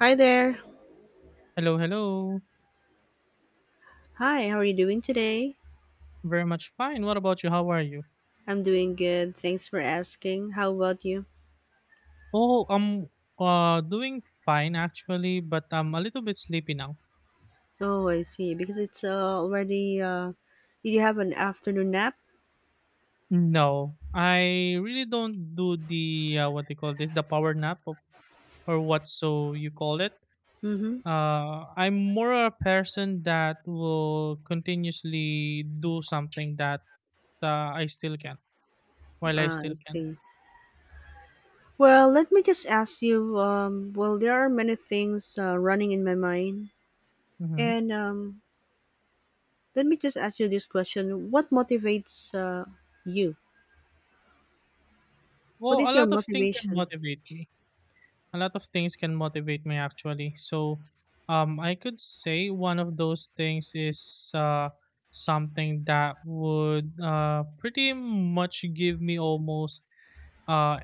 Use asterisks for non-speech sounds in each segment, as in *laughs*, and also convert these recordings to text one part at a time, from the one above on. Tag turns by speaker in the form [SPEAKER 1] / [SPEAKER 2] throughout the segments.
[SPEAKER 1] Hi there.
[SPEAKER 2] Hello, hello.
[SPEAKER 1] Hi, how are you doing today?
[SPEAKER 2] Very much fine. What about you? How are you?
[SPEAKER 1] I'm doing good. Thanks for asking. How about you?
[SPEAKER 2] Oh, I'm doing fine actually, but I'm a little bit sleepy now.
[SPEAKER 1] Oh, I see. Because it's already, did you have an afternoon nap?
[SPEAKER 2] No, I really don't do the what they call this, the power nap or what so you call it.
[SPEAKER 1] Mm-hmm.
[SPEAKER 2] I'm more a person that will continuously do something that I still can while I still
[SPEAKER 1] I
[SPEAKER 2] can.
[SPEAKER 1] see. Well, let me just ask you. Well, there are many things running in my mind.
[SPEAKER 2] Mm-hmm.
[SPEAKER 1] And let me just ask you this question. What motivates you? What
[SPEAKER 2] Well,
[SPEAKER 1] is
[SPEAKER 2] a
[SPEAKER 1] your
[SPEAKER 2] lot of things can
[SPEAKER 1] motivation?
[SPEAKER 2] motivate me. A lot of things can motivate me actually. So, I could say one of those things is something that would pretty much give me almost uh,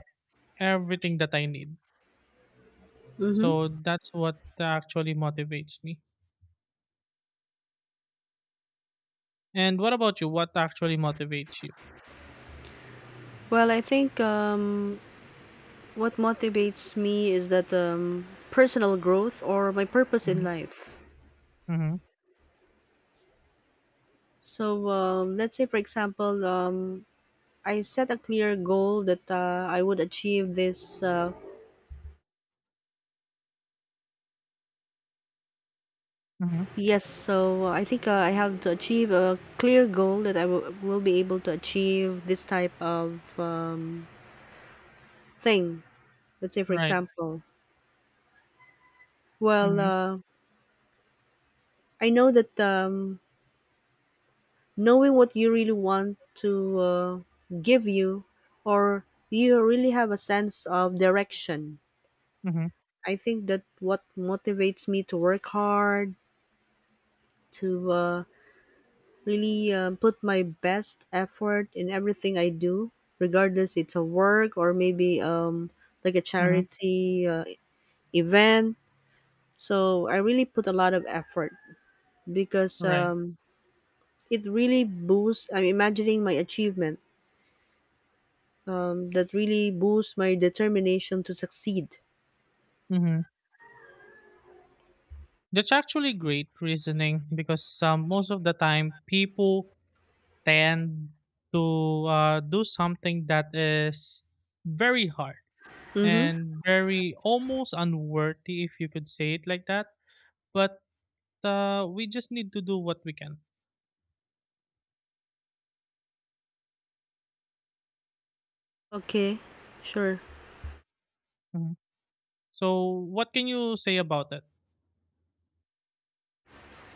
[SPEAKER 2] everything that I need.
[SPEAKER 1] Mm-hmm.
[SPEAKER 2] So that's what actually motivates me. And what about you? What actually motivates you?
[SPEAKER 1] Well, I think what motivates me is that personal growth or my purpose in
[SPEAKER 2] Mm-hmm.
[SPEAKER 1] life.
[SPEAKER 2] Mm-hmm.
[SPEAKER 1] So let's say, for example, I set a clear goal that I would achieve this. Yes, so I think I have to achieve a clear goal that will be able to achieve this type of thing. Let's say, for
[SPEAKER 2] Right.
[SPEAKER 1] example, well,
[SPEAKER 2] Mm-hmm.
[SPEAKER 1] I know that knowing what you really want to give you or you really have a sense of direction.
[SPEAKER 2] Mm-hmm.
[SPEAKER 1] I think that what motivates me to work hard to really put my best effort in everything I do, regardless it's a work or maybe like a
[SPEAKER 2] Mm-hmm.
[SPEAKER 1] charity event. So I really put a lot of effort because
[SPEAKER 2] Right.
[SPEAKER 1] it really boosts. I'm imagining my achievement, that really boosts my determination to succeed.
[SPEAKER 2] Mm-hmm. That's actually great reasoning because most of the time people tend to do something that is very hard
[SPEAKER 1] Mm-hmm.
[SPEAKER 2] and very almost unworthy, if you could say it like that. But we just need to do what we can.
[SPEAKER 1] Okay, sure.
[SPEAKER 2] Mhm. So, what can you say about that?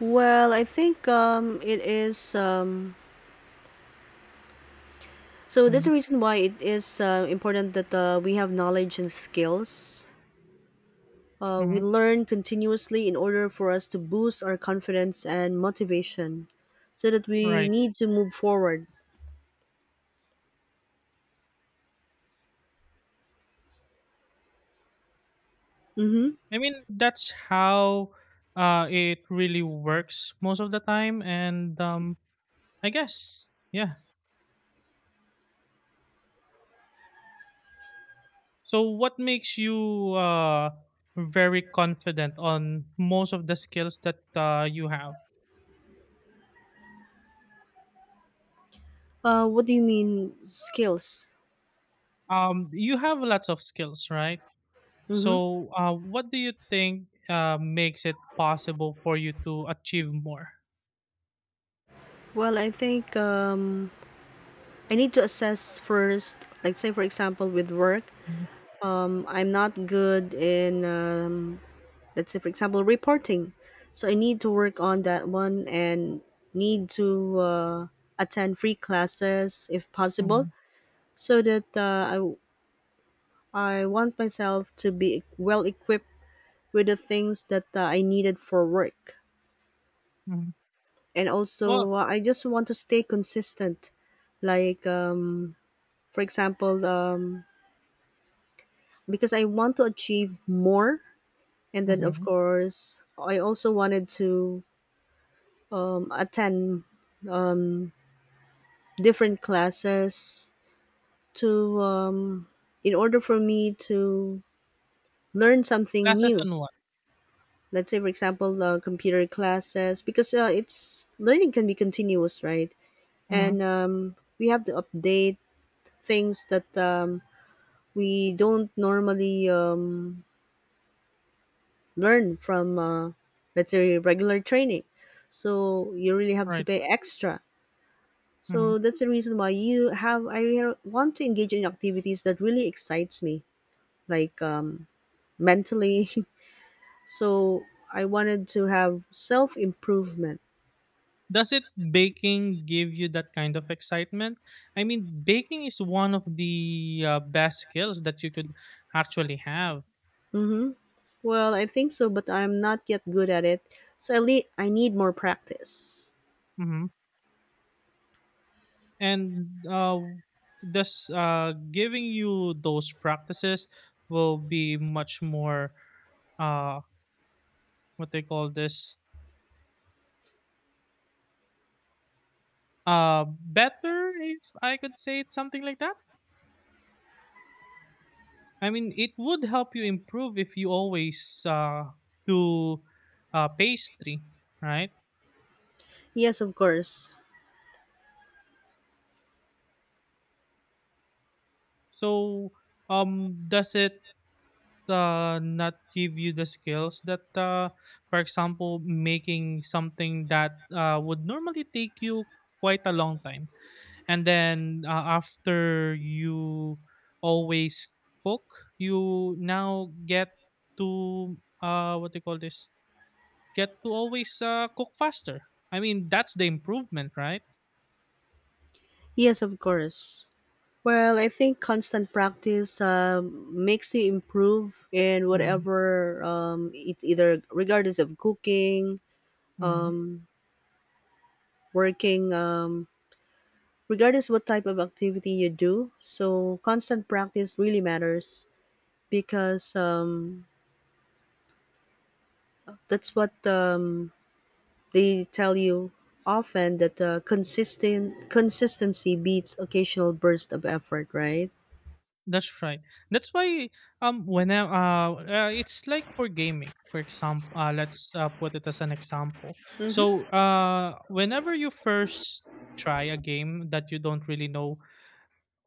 [SPEAKER 1] Well, I think it is. So that's the
[SPEAKER 2] Mhm.
[SPEAKER 1] reason why it is important that we have knowledge and skills. We
[SPEAKER 2] Mhm.
[SPEAKER 1] learn continuously in order for us to boost our confidence and motivation, so that we
[SPEAKER 2] Right.
[SPEAKER 1] need to move forward. Mm-hmm.
[SPEAKER 2] I mean, that's how it really works most of the time. And I guess, yeah. So, what makes you very confident on most of the skills that you have?
[SPEAKER 1] What do you mean skills?
[SPEAKER 2] You have lots of skills, right?
[SPEAKER 1] Mm-hmm.
[SPEAKER 2] So, what do you think makes it possible for you to achieve more?
[SPEAKER 1] Well, I think I need to assess first, like say for example with work, I'm not good in let's say for example reporting, so I need to work on that one and need to attend free classes if possible,
[SPEAKER 2] Mm-hmm.
[SPEAKER 1] so that I want myself to be well equipped with the things that I needed for work,
[SPEAKER 2] Hmm.
[SPEAKER 1] and
[SPEAKER 2] Well,
[SPEAKER 1] also I just want to stay consistent, like for example. Because I want to achieve more. And then, of
[SPEAKER 2] hmm.
[SPEAKER 1] course, I also wanted to attend different classes to, in order for me to learn something
[SPEAKER 2] Classes
[SPEAKER 1] new.
[SPEAKER 2] on what?
[SPEAKER 1] Let's say, for example, computer classes, because it's learning can be continuous, right? And
[SPEAKER 2] Hmm.
[SPEAKER 1] we have to update things that we don't normally learn from let's say regular training. So you really have to
[SPEAKER 2] Right.
[SPEAKER 1] pay extra.
[SPEAKER 2] Hmm.
[SPEAKER 1] So that's the reason why you have want to engage in activities that really excites me, like mentally. *laughs* So I wanted to have self-improvement.
[SPEAKER 2] Does it baking give you that kind of excitement? I mean, baking is one of the best skills that you could actually have.
[SPEAKER 1] Hmm, well, I think so, but I'm not yet good at it, so I need more practice.
[SPEAKER 2] And thus giving you those practices will be much more uh, what they call this better if I could say it something like that. I mean, it would help you improve if you always do pastry, right?
[SPEAKER 1] Yes, of course.
[SPEAKER 2] So, does it not give you the skills that for example making something that would normally take you quite a long time and then after you always cook you now get to what do you call this get to always cook faster. I mean that's the improvement, right?
[SPEAKER 1] Yes, of course. Well, I think constant practice makes you improve in
[SPEAKER 2] Mm-hmm.
[SPEAKER 1] whatever, it's either regardless of cooking,
[SPEAKER 2] Mm-hmm.
[SPEAKER 1] working, regardless what type of activity you do. So constant practice really matters because that's what they tell you often that consistent consistency beats occasional burst of effort, right?
[SPEAKER 2] That's right. That's why when I, it's like for gaming, for example, let's put it as an example.
[SPEAKER 1] Hmm.
[SPEAKER 2] So whenever you first try a game that you don't really know,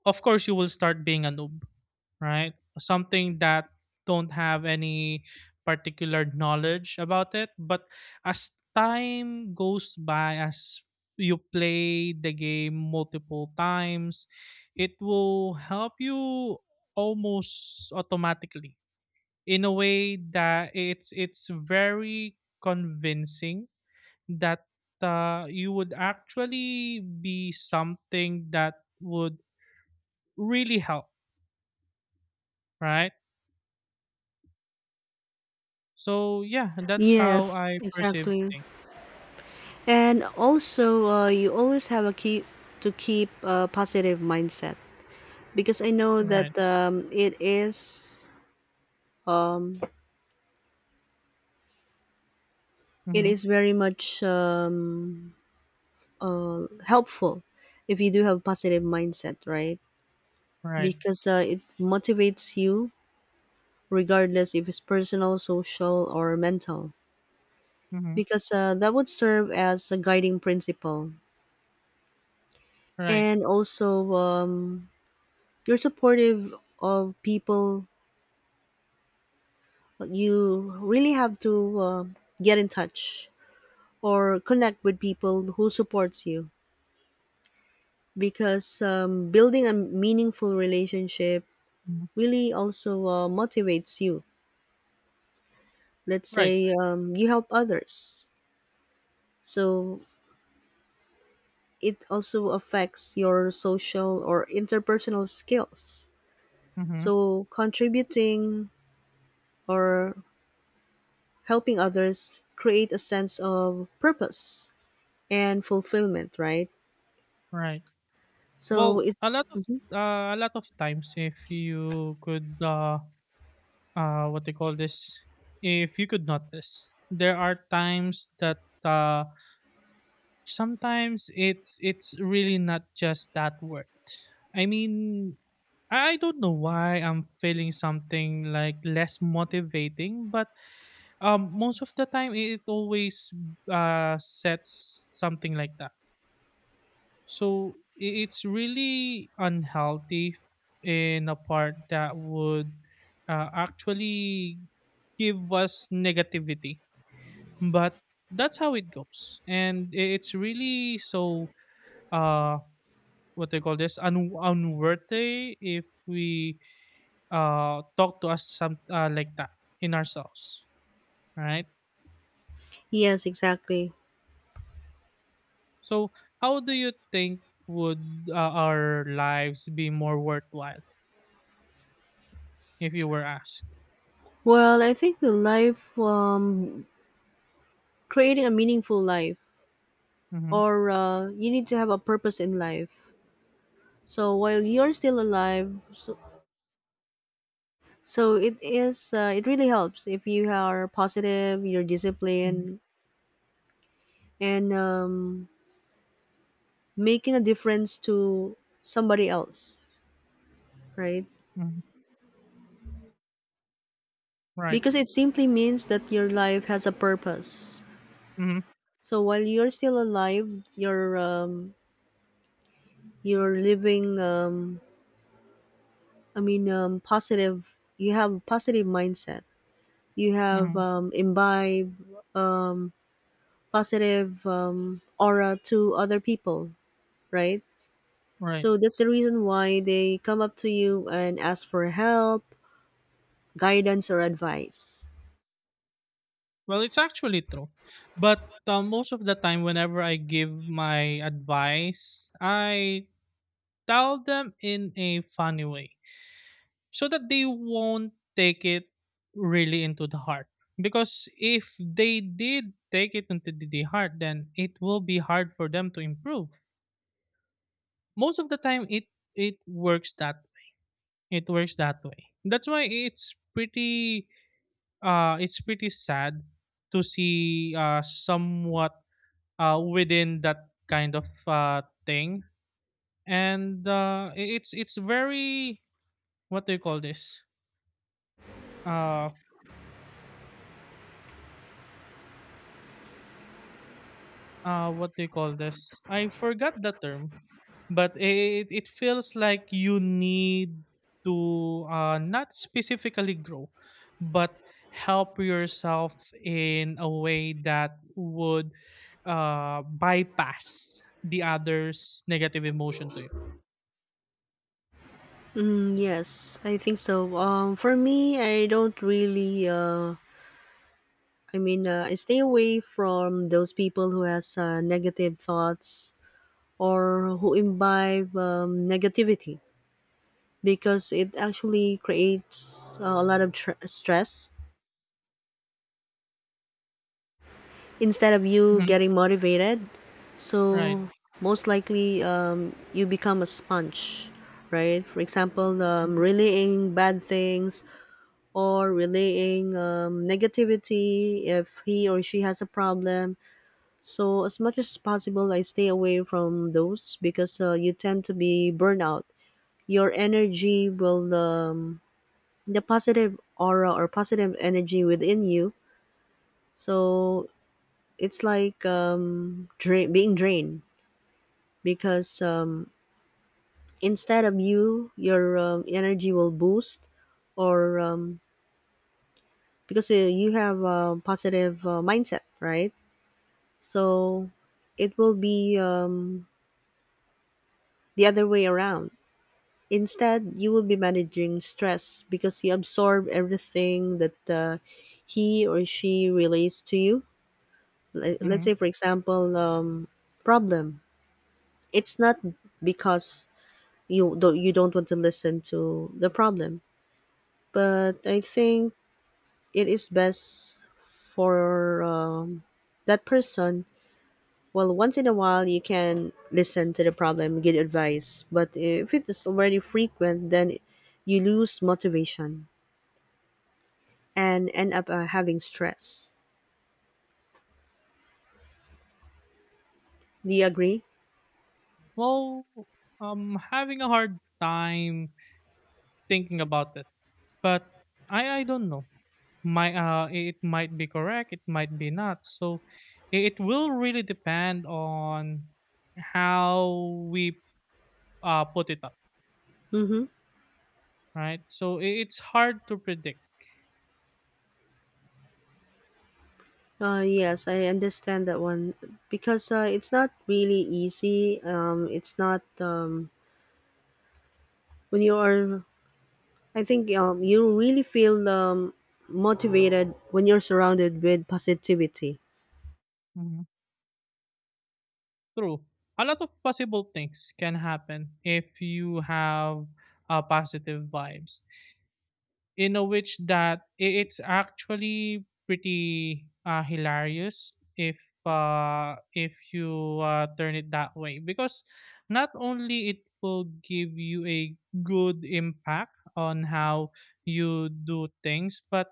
[SPEAKER 2] of course you will start being a noob, right? Something that don't have any particular knowledge about it, but as time goes by, as you play the game multiple times, it will help you almost automatically in a way that it's very convincing that you would actually be something that would really help, right? So yeah, that's how
[SPEAKER 1] Yes,
[SPEAKER 2] I perceive
[SPEAKER 1] exactly.
[SPEAKER 2] things.
[SPEAKER 1] And also, you always have a key to keep a positive mindset because I know that
[SPEAKER 2] Right.
[SPEAKER 1] it
[SPEAKER 2] Mm-hmm.
[SPEAKER 1] is very much helpful if you do have positive mindset, right?
[SPEAKER 2] Right.
[SPEAKER 1] Because it motivates you regardless if it's personal, social, or mental.
[SPEAKER 2] Mm-hmm.
[SPEAKER 1] Because that would serve as a guiding principle,
[SPEAKER 2] Right.
[SPEAKER 1] and also you're supportive of people. You really have to get in touch or connect with people who supports you because building a meaningful relationship
[SPEAKER 2] Mm-hmm.
[SPEAKER 1] really also motivates you. Let's
[SPEAKER 2] Right.
[SPEAKER 1] say you help others, so it also affects your social or interpersonal skills.
[SPEAKER 2] Mm-hmm.
[SPEAKER 1] So contributing or helping others create a sense of purpose and fulfillment, right?
[SPEAKER 2] Right.
[SPEAKER 1] So
[SPEAKER 2] Well,
[SPEAKER 1] it's mhm.
[SPEAKER 2] a lot of times, if you could what they call this, if you could notice, there are times that uh, sometimes it's really not just that word. I mean, I don't know why I'm feeling something like less motivating, but um, most of the time, it always sets something like that. So it's really unhealthy in a part that would actually give us negativity. But that's how it goes, and it's really so uh, what they call this unworthy if we talk to us some like that in ourselves, right?
[SPEAKER 1] Yes, exactly.
[SPEAKER 2] So, how do you think would our lives be more worthwhile if you were asked?
[SPEAKER 1] Well, I think the life, creating a meaningful life,
[SPEAKER 2] Mm-hmm.
[SPEAKER 1] or you need to have a purpose in life. So while you're still alive, so, so it is, it really helps if you are positive, you're
[SPEAKER 2] Hmm.
[SPEAKER 1] disciplined, and making a difference to somebody else, right?
[SPEAKER 2] Right.
[SPEAKER 1] Because it simply means that your life has a purpose.
[SPEAKER 2] Hmm.
[SPEAKER 1] So while you're still alive, you're living I mean, positive. You have a positive mindset. You have
[SPEAKER 2] Hmm.
[SPEAKER 1] imbibe um, positive aura to other people, right?
[SPEAKER 2] Right.
[SPEAKER 1] So that's the reason why they come up to you and ask for help, guidance, or advice.
[SPEAKER 2] Well, it's actually true, but most of the time, whenever I give my advice, I tell them in a funny way so that they won't take it really into the heart. Because if they did take it into the heart, then it will be hard for them to improve. Most of the time it works that it works that way. That's why it's pretty sad to see somewhat within that kind of thing. And it's very what do you call this uh what do you call this? I forgot the term, but it feels like you need to not specifically grow, but help yourself in a way that would bypass the other's negative emotion to you.
[SPEAKER 1] Mm, yes, I think so. For me, I don't really. I stay away from those people who has negative thoughts or who imbibe negativity, because it actually creates a lot of stress instead of you
[SPEAKER 2] Hmm.
[SPEAKER 1] getting motivated.
[SPEAKER 2] Right.
[SPEAKER 1] So most likely you become a sponge, right? For example,
[SPEAKER 2] Mhm.
[SPEAKER 1] relaying bad things or relaying negativity if he or she has a problem. So as much as possible, I stay away from those because you tend to be burnout. Your energy will the positive aura or positive energy within you. So it's like drain, being drained because instead of you, your energy will boost, or because you have a positive mindset, right? So it will be the other way around. Instead, you will be managing stress because you absorb everything that he or she relates to you. Let's
[SPEAKER 2] Mhm.
[SPEAKER 1] say for example problem. It's not because you don't want to listen to the problem, but I think it is best for that person. Well, once in a while you can listen to the problem, get advice, but if it is already frequent, then you lose motivation and end up having stress. Do you agree?
[SPEAKER 2] Well, I'm having a hard time thinking about it, but I don't know. Might it might be correct, it might be not. So it will really depend on how we put it up,
[SPEAKER 1] Mm-hmm.
[SPEAKER 2] right? So it's hard to predict.
[SPEAKER 1] Yes, I understand that one because it's not really easy. It's not when you are. I think you really feel motivated when you're surrounded with positivity.
[SPEAKER 2] Mhm. True. A lot of possible things can happen if you have positive vibes in a which that it's actually pretty hilarious if you turn it that way because not only it will give you a good impact on how you do things but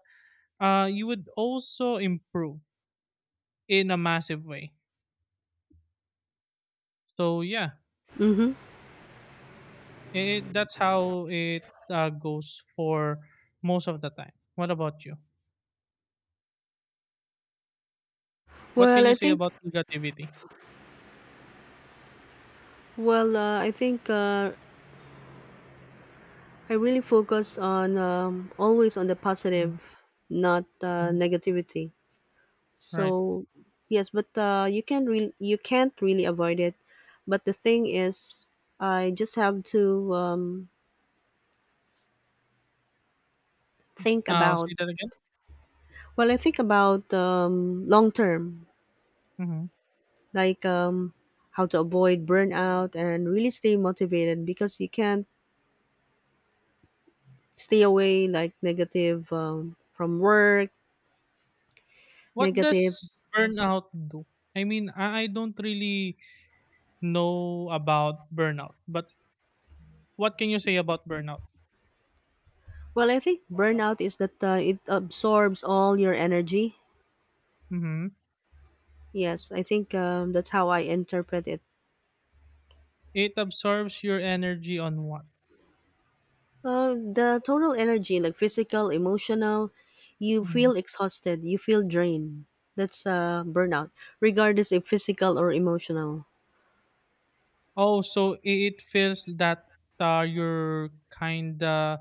[SPEAKER 2] you would also improve in a massive way. So yeah,
[SPEAKER 1] Mm-hmm.
[SPEAKER 2] that's how it goes for most of the time. What about you? What
[SPEAKER 1] Well,
[SPEAKER 2] can you
[SPEAKER 1] I
[SPEAKER 2] say
[SPEAKER 1] think.
[SPEAKER 2] about negativity?
[SPEAKER 1] Well, I think I really focus on always on the positive, not
[SPEAKER 2] Mhm.
[SPEAKER 1] negativity.
[SPEAKER 2] Right.
[SPEAKER 1] So yes, but you can't really avoid it. But the thing is, I just have to think
[SPEAKER 2] Oh,
[SPEAKER 1] about.
[SPEAKER 2] say that again?
[SPEAKER 1] Well, I think about long term,
[SPEAKER 2] Mhm.
[SPEAKER 1] like how to avoid burnout and really stay motivated because you can't stay away like negative from work,
[SPEAKER 2] What
[SPEAKER 1] negative.
[SPEAKER 2] does burnout do? I mean, I don't really know about burnout, but what can you say about burnout?
[SPEAKER 1] Well, I think burnout is that it absorbs all your energy.
[SPEAKER 2] Mhm.
[SPEAKER 1] Yes, I think that's how I interpret it.
[SPEAKER 2] It absorbs your energy on what?
[SPEAKER 1] The total energy, like physical, emotional, you
[SPEAKER 2] Mhm.
[SPEAKER 1] feel exhausted, you feel drained. That's burnout, regardless if physical or emotional.
[SPEAKER 2] Oh, so it feels that you're kinda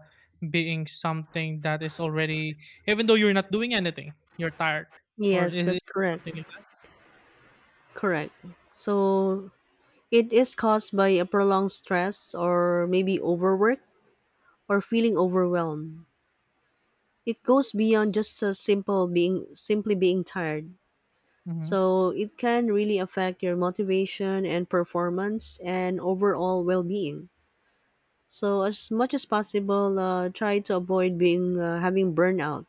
[SPEAKER 2] being something that is already, even though you're not doing anything, you're tired, or
[SPEAKER 1] Yes,
[SPEAKER 2] is
[SPEAKER 1] that's
[SPEAKER 2] it
[SPEAKER 1] correct.
[SPEAKER 2] something like that?
[SPEAKER 1] Correct. So it is caused by a prolonged stress or maybe overwork or feeling overwhelmed. It goes beyond just a simple being simply being tired.
[SPEAKER 2] Mhm.
[SPEAKER 1] So it can really affect your motivation and performance and overall well-being. So as much as possible, try to avoid being having burnout,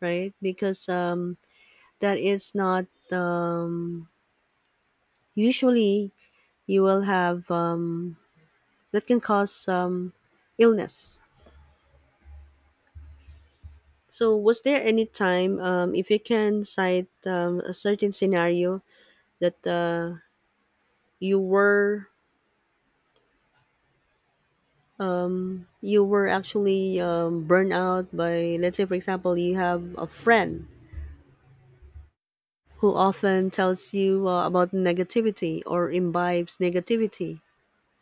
[SPEAKER 1] right? Because that is not usually you will have that can cause illness. So was there any time, if you can cite a certain scenario that you were you were actually burned out by, let's say for example, you have a friend who often tells you about negativity or imbibes negativity.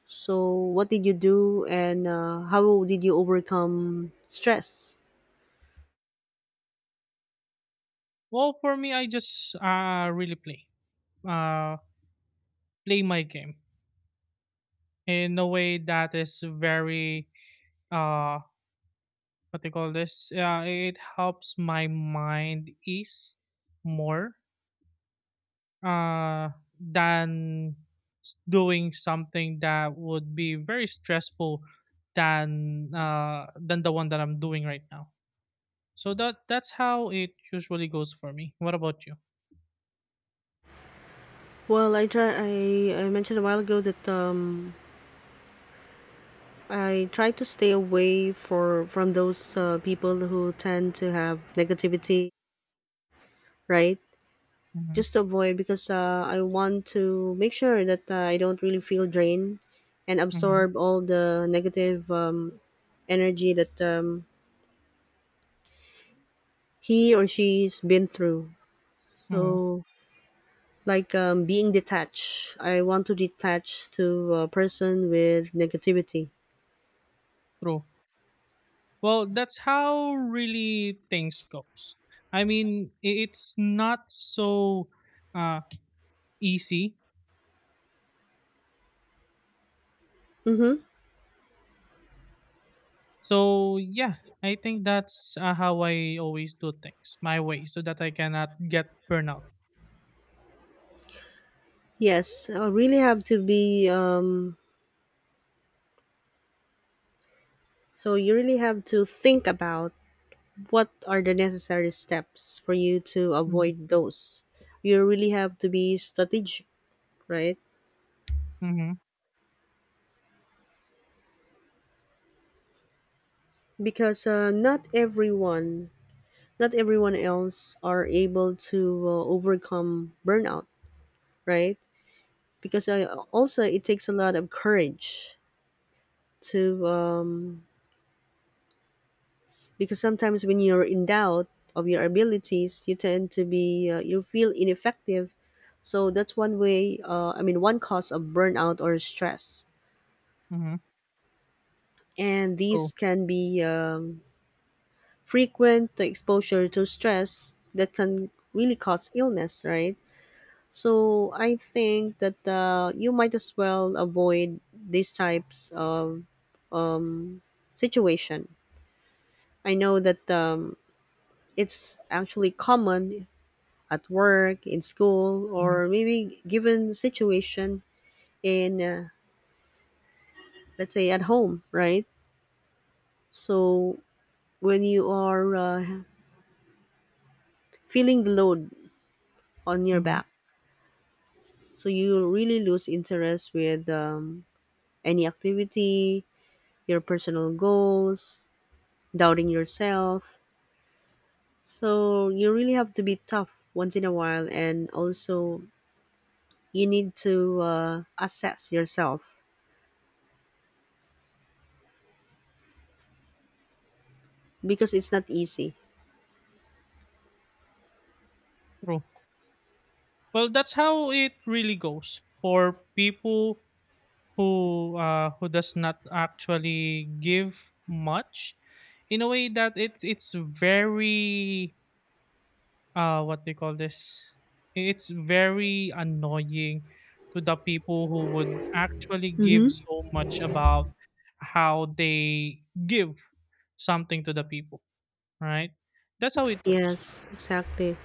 [SPEAKER 1] So, what did you do, and how did you overcome stress?
[SPEAKER 2] Well, for me, I just really play, uh, play my game in a way that is very uh what they call this yeah it helps my mind ease more uh than doing something that would be very stressful than the one that I'm doing right now. So that that's how it usually goes for me. What about you?
[SPEAKER 1] Well, I try. I mentioned a while ago that I try to stay away for from those people who tend to have negativity, right?
[SPEAKER 2] Mm-hmm.
[SPEAKER 1] Just to avoid because I want to make sure that I don't really feel drained and
[SPEAKER 2] Mm-hmm.
[SPEAKER 1] absorb all the negative energy that he or she's been through.
[SPEAKER 2] Mm-hmm.
[SPEAKER 1] So, like being detached, I want to detach to a person with negativity.
[SPEAKER 2] True. Well, that's how really things goes. I mean, it's not so uh, easy.
[SPEAKER 1] Mm-hmm.
[SPEAKER 2] So yeah, I think that's how I always do things my way, so that I cannot get burnout.
[SPEAKER 1] Yes, I really have to be. So you really have to think about what are the necessary steps for you to
[SPEAKER 2] Mm-hmm.
[SPEAKER 1] avoid those. You really have to be strategic, right?
[SPEAKER 2] Mm-hmm.
[SPEAKER 1] Because not everyone else are able to overcome burnout, right? Because I also it takes a lot of courage to because sometimes when you're in doubt of your abilities, you tend to be you feel ineffective. So that's one way. One cause of burnout or stress,
[SPEAKER 2] Mm-hmm.
[SPEAKER 1] and
[SPEAKER 2] True.
[SPEAKER 1] these can be frequent exposure to stress that can really cause illness, right? So I think that you might as well avoid these types of situation. I know that it's actually common at work, in school,
[SPEAKER 2] Mm-hmm.
[SPEAKER 1] or maybe given situation in, let's say, at home, right? So when you are feeling the load on your
[SPEAKER 2] Mm-hmm.
[SPEAKER 1] back, so you really lose interest with any activity, your personal goals, doubting yourself. So you really have to be tough once in a while, and also you need to assess yourself because it's not easy.
[SPEAKER 2] True. Well, that's how it really goes for people who does not actually give much in a way that it's very what they call this it's very annoying to the people who would actually give
[SPEAKER 1] Mm-hmm.
[SPEAKER 2] so much about how they give something to the people, right? That's how it goes.
[SPEAKER 1] Yes, exactly.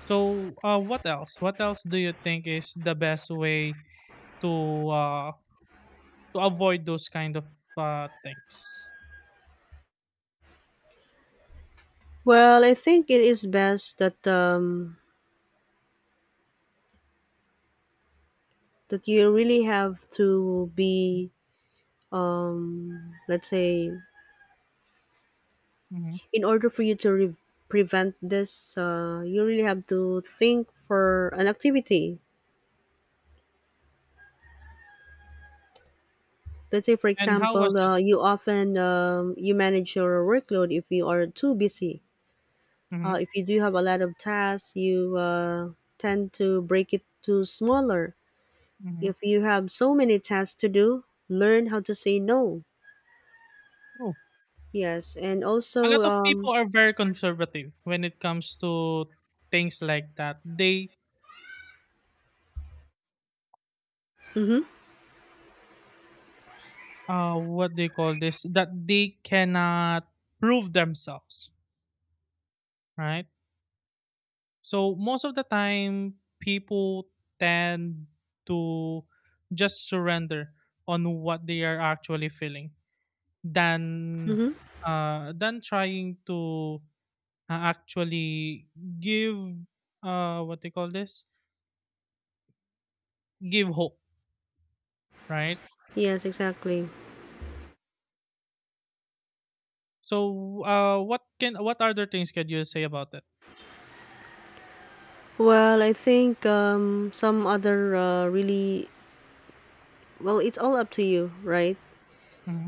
[SPEAKER 2] So what else, what else do you think is the best way to uh to avoid those kind of things?
[SPEAKER 1] Well, I think it is best that that you really have to be let's say
[SPEAKER 2] Hmm.
[SPEAKER 1] in order for you to prevent this. You really have to think for an activity. Let's say for
[SPEAKER 2] And how was
[SPEAKER 1] example,
[SPEAKER 2] it?
[SPEAKER 1] you often you manage your workload if you are too busy.
[SPEAKER 2] Hmm.
[SPEAKER 1] If you do have a lot of tasks, you tend to break it to smaller.
[SPEAKER 2] Hmm.
[SPEAKER 1] If you have so many tasks to do, learn how to say no.
[SPEAKER 2] True.
[SPEAKER 1] Yes, and
[SPEAKER 2] A
[SPEAKER 1] also,
[SPEAKER 2] lot of people are very conservative when it comes to things like that. They
[SPEAKER 1] mm-hmm,
[SPEAKER 2] what they call this that they cannot prove themselves, right? So most of the time people tend to just surrender on what they are actually feeling than
[SPEAKER 1] mm-hmm,
[SPEAKER 2] than trying to actually give what they call this give hope, right?
[SPEAKER 1] yes, exactly.
[SPEAKER 2] So what can, what other things can you say about it?
[SPEAKER 1] Well, I think some other really, well, it's all up to you, right?
[SPEAKER 2] Mm-hmm.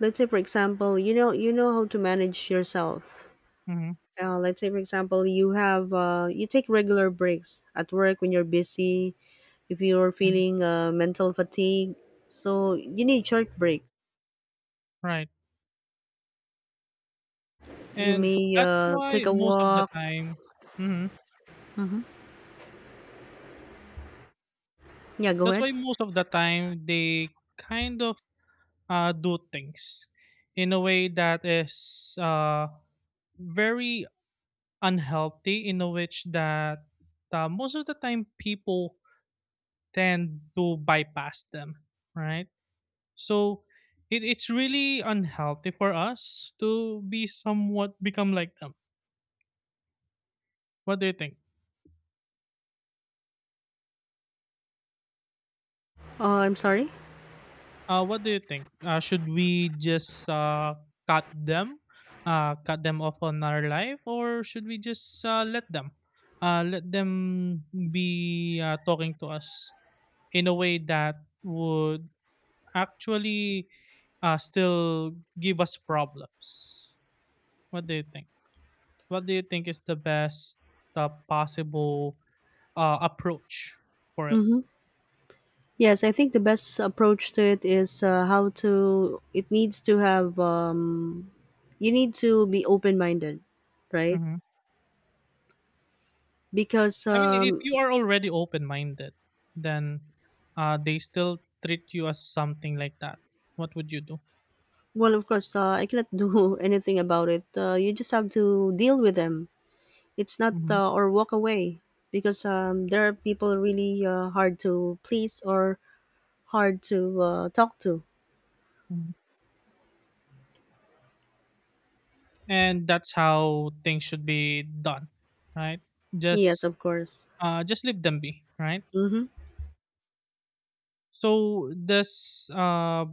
[SPEAKER 1] Let's say, for example, you know how to manage yourself.
[SPEAKER 2] Mm-hmm.
[SPEAKER 1] Let's say, for example, you have you take regular breaks at work when you're busy. If you're
[SPEAKER 2] Mm-hmm.
[SPEAKER 1] feeling mental fatigue, so you need short break.
[SPEAKER 2] Right.
[SPEAKER 1] You
[SPEAKER 2] And
[SPEAKER 1] may
[SPEAKER 2] that's
[SPEAKER 1] take
[SPEAKER 2] why
[SPEAKER 1] a
[SPEAKER 2] most of the
[SPEAKER 1] walk.
[SPEAKER 2] time mhm,
[SPEAKER 1] Mm-hmm. Yeah, go
[SPEAKER 2] that's
[SPEAKER 1] ahead.
[SPEAKER 2] why most of the time they kind of do things in a way that is very unhealthy, in a which that most of the time people tend to bypass them, right? So it's really unhealthy for us to be somewhat become like them. What do you think?
[SPEAKER 1] I'm sorry.
[SPEAKER 2] What do you think? Should we just cut them, cut them off on our life, or should we just let them be talking to us in a way that would actually still give us problems? What do you think? What do you think is the best possible approach for it?
[SPEAKER 1] Mm-hmm. Yes, I think the best approach to it is how to. It needs to have. You need to be open minded, right?
[SPEAKER 2] Mhm.
[SPEAKER 1] Because
[SPEAKER 2] I mean, if you are already open-minded, then they still treat you as something like that. What would you do?
[SPEAKER 1] well, of course, I cannot *laughs* do anything about it. You just have to deal with them. It's not
[SPEAKER 2] Hmm.
[SPEAKER 1] or walk away because there are people really hard to please or hard to talk to.
[SPEAKER 2] Hmm. And that's how things should be done, right?
[SPEAKER 1] Yes,
[SPEAKER 2] Just,
[SPEAKER 1] of course.
[SPEAKER 2] just leave them be, right?
[SPEAKER 1] Mm-hmm.
[SPEAKER 2] So this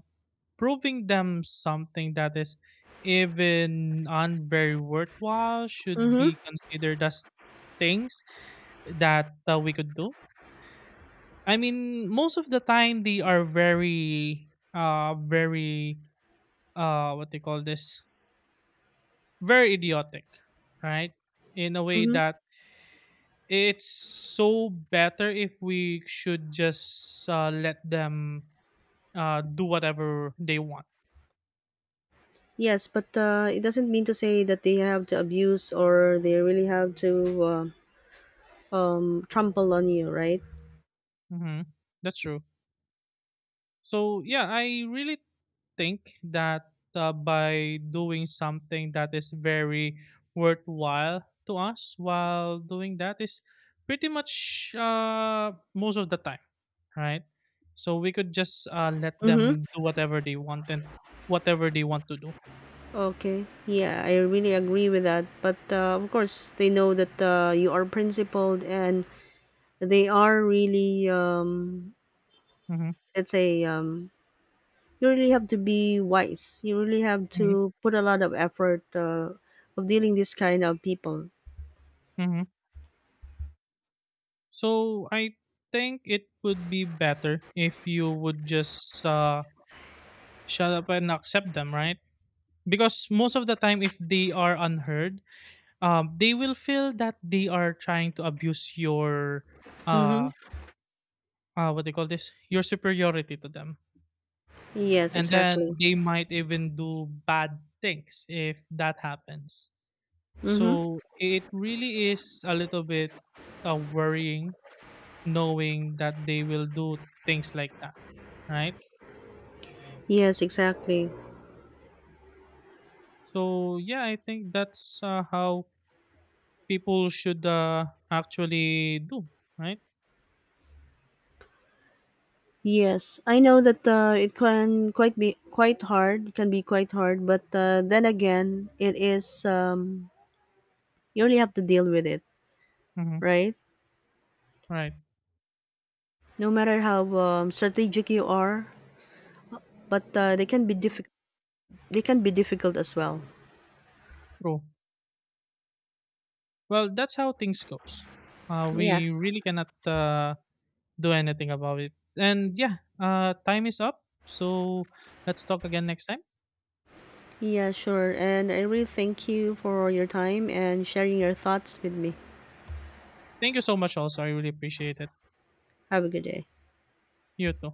[SPEAKER 2] proving them something that is even on very worthwhile should
[SPEAKER 1] Mm-hmm.
[SPEAKER 2] be considered as things that we could do. I mean, most of the time they are very, very, what they call this, very idiotic, right? In a way
[SPEAKER 1] Mm-hmm.
[SPEAKER 2] that it's so better if we should just let them do whatever they want.
[SPEAKER 1] Yes, but it doesn't mean to say that they have to abuse or they really have to uh, trample on you, right?
[SPEAKER 2] Hmm. That's true. So yeah, I really think that by doing something that is very worthwhile to us while doing that is pretty much most of the time, right? So we could just let
[SPEAKER 1] Mm-hmm.
[SPEAKER 2] them do whatever they want and whatever they want to do.
[SPEAKER 1] Okay. Yeah, I really agree with that. But of course, they know that you are principled and they are really,
[SPEAKER 2] Hmm.
[SPEAKER 1] let's say, you really have to be wise. You really have
[SPEAKER 2] Hmm.
[SPEAKER 1] to put a lot of effort of dealing this kind of people.
[SPEAKER 2] Hmm. So I think it would be better if you would just shut up and accept them, right? Because most of the time, if they are unheard, they will feel that they are trying to abuse your uh
[SPEAKER 1] Mm-hmm.
[SPEAKER 2] what they call this your superiority to them.
[SPEAKER 1] Yes,
[SPEAKER 2] And
[SPEAKER 1] exactly.
[SPEAKER 2] then they might even do bad things if that happens.
[SPEAKER 1] Mm-hmm.
[SPEAKER 2] So it really is a little bit worrying knowing that they will do things like that, right?
[SPEAKER 1] Yes, exactly.
[SPEAKER 2] So yeah, I think that's how people should actually do, right?
[SPEAKER 1] Yes, I know that it can quite be quite hard, can be quite hard, but then again, it is you only have to deal with it,
[SPEAKER 2] Mm-hmm.
[SPEAKER 1] right?
[SPEAKER 2] Right.
[SPEAKER 1] No matter how strategic you are, but they can be difficult. They can be difficult as well.
[SPEAKER 2] True. Well, that's how things goes.
[SPEAKER 1] Yes.
[SPEAKER 2] We really cannot do anything about it. And yeah, time is up. So let's talk again next time.
[SPEAKER 1] Yeah, sure. And I really thank you for your time and sharing your thoughts with me.
[SPEAKER 2] Thank you so much, also. I really appreciate it.
[SPEAKER 1] Have a good day.
[SPEAKER 2] You too.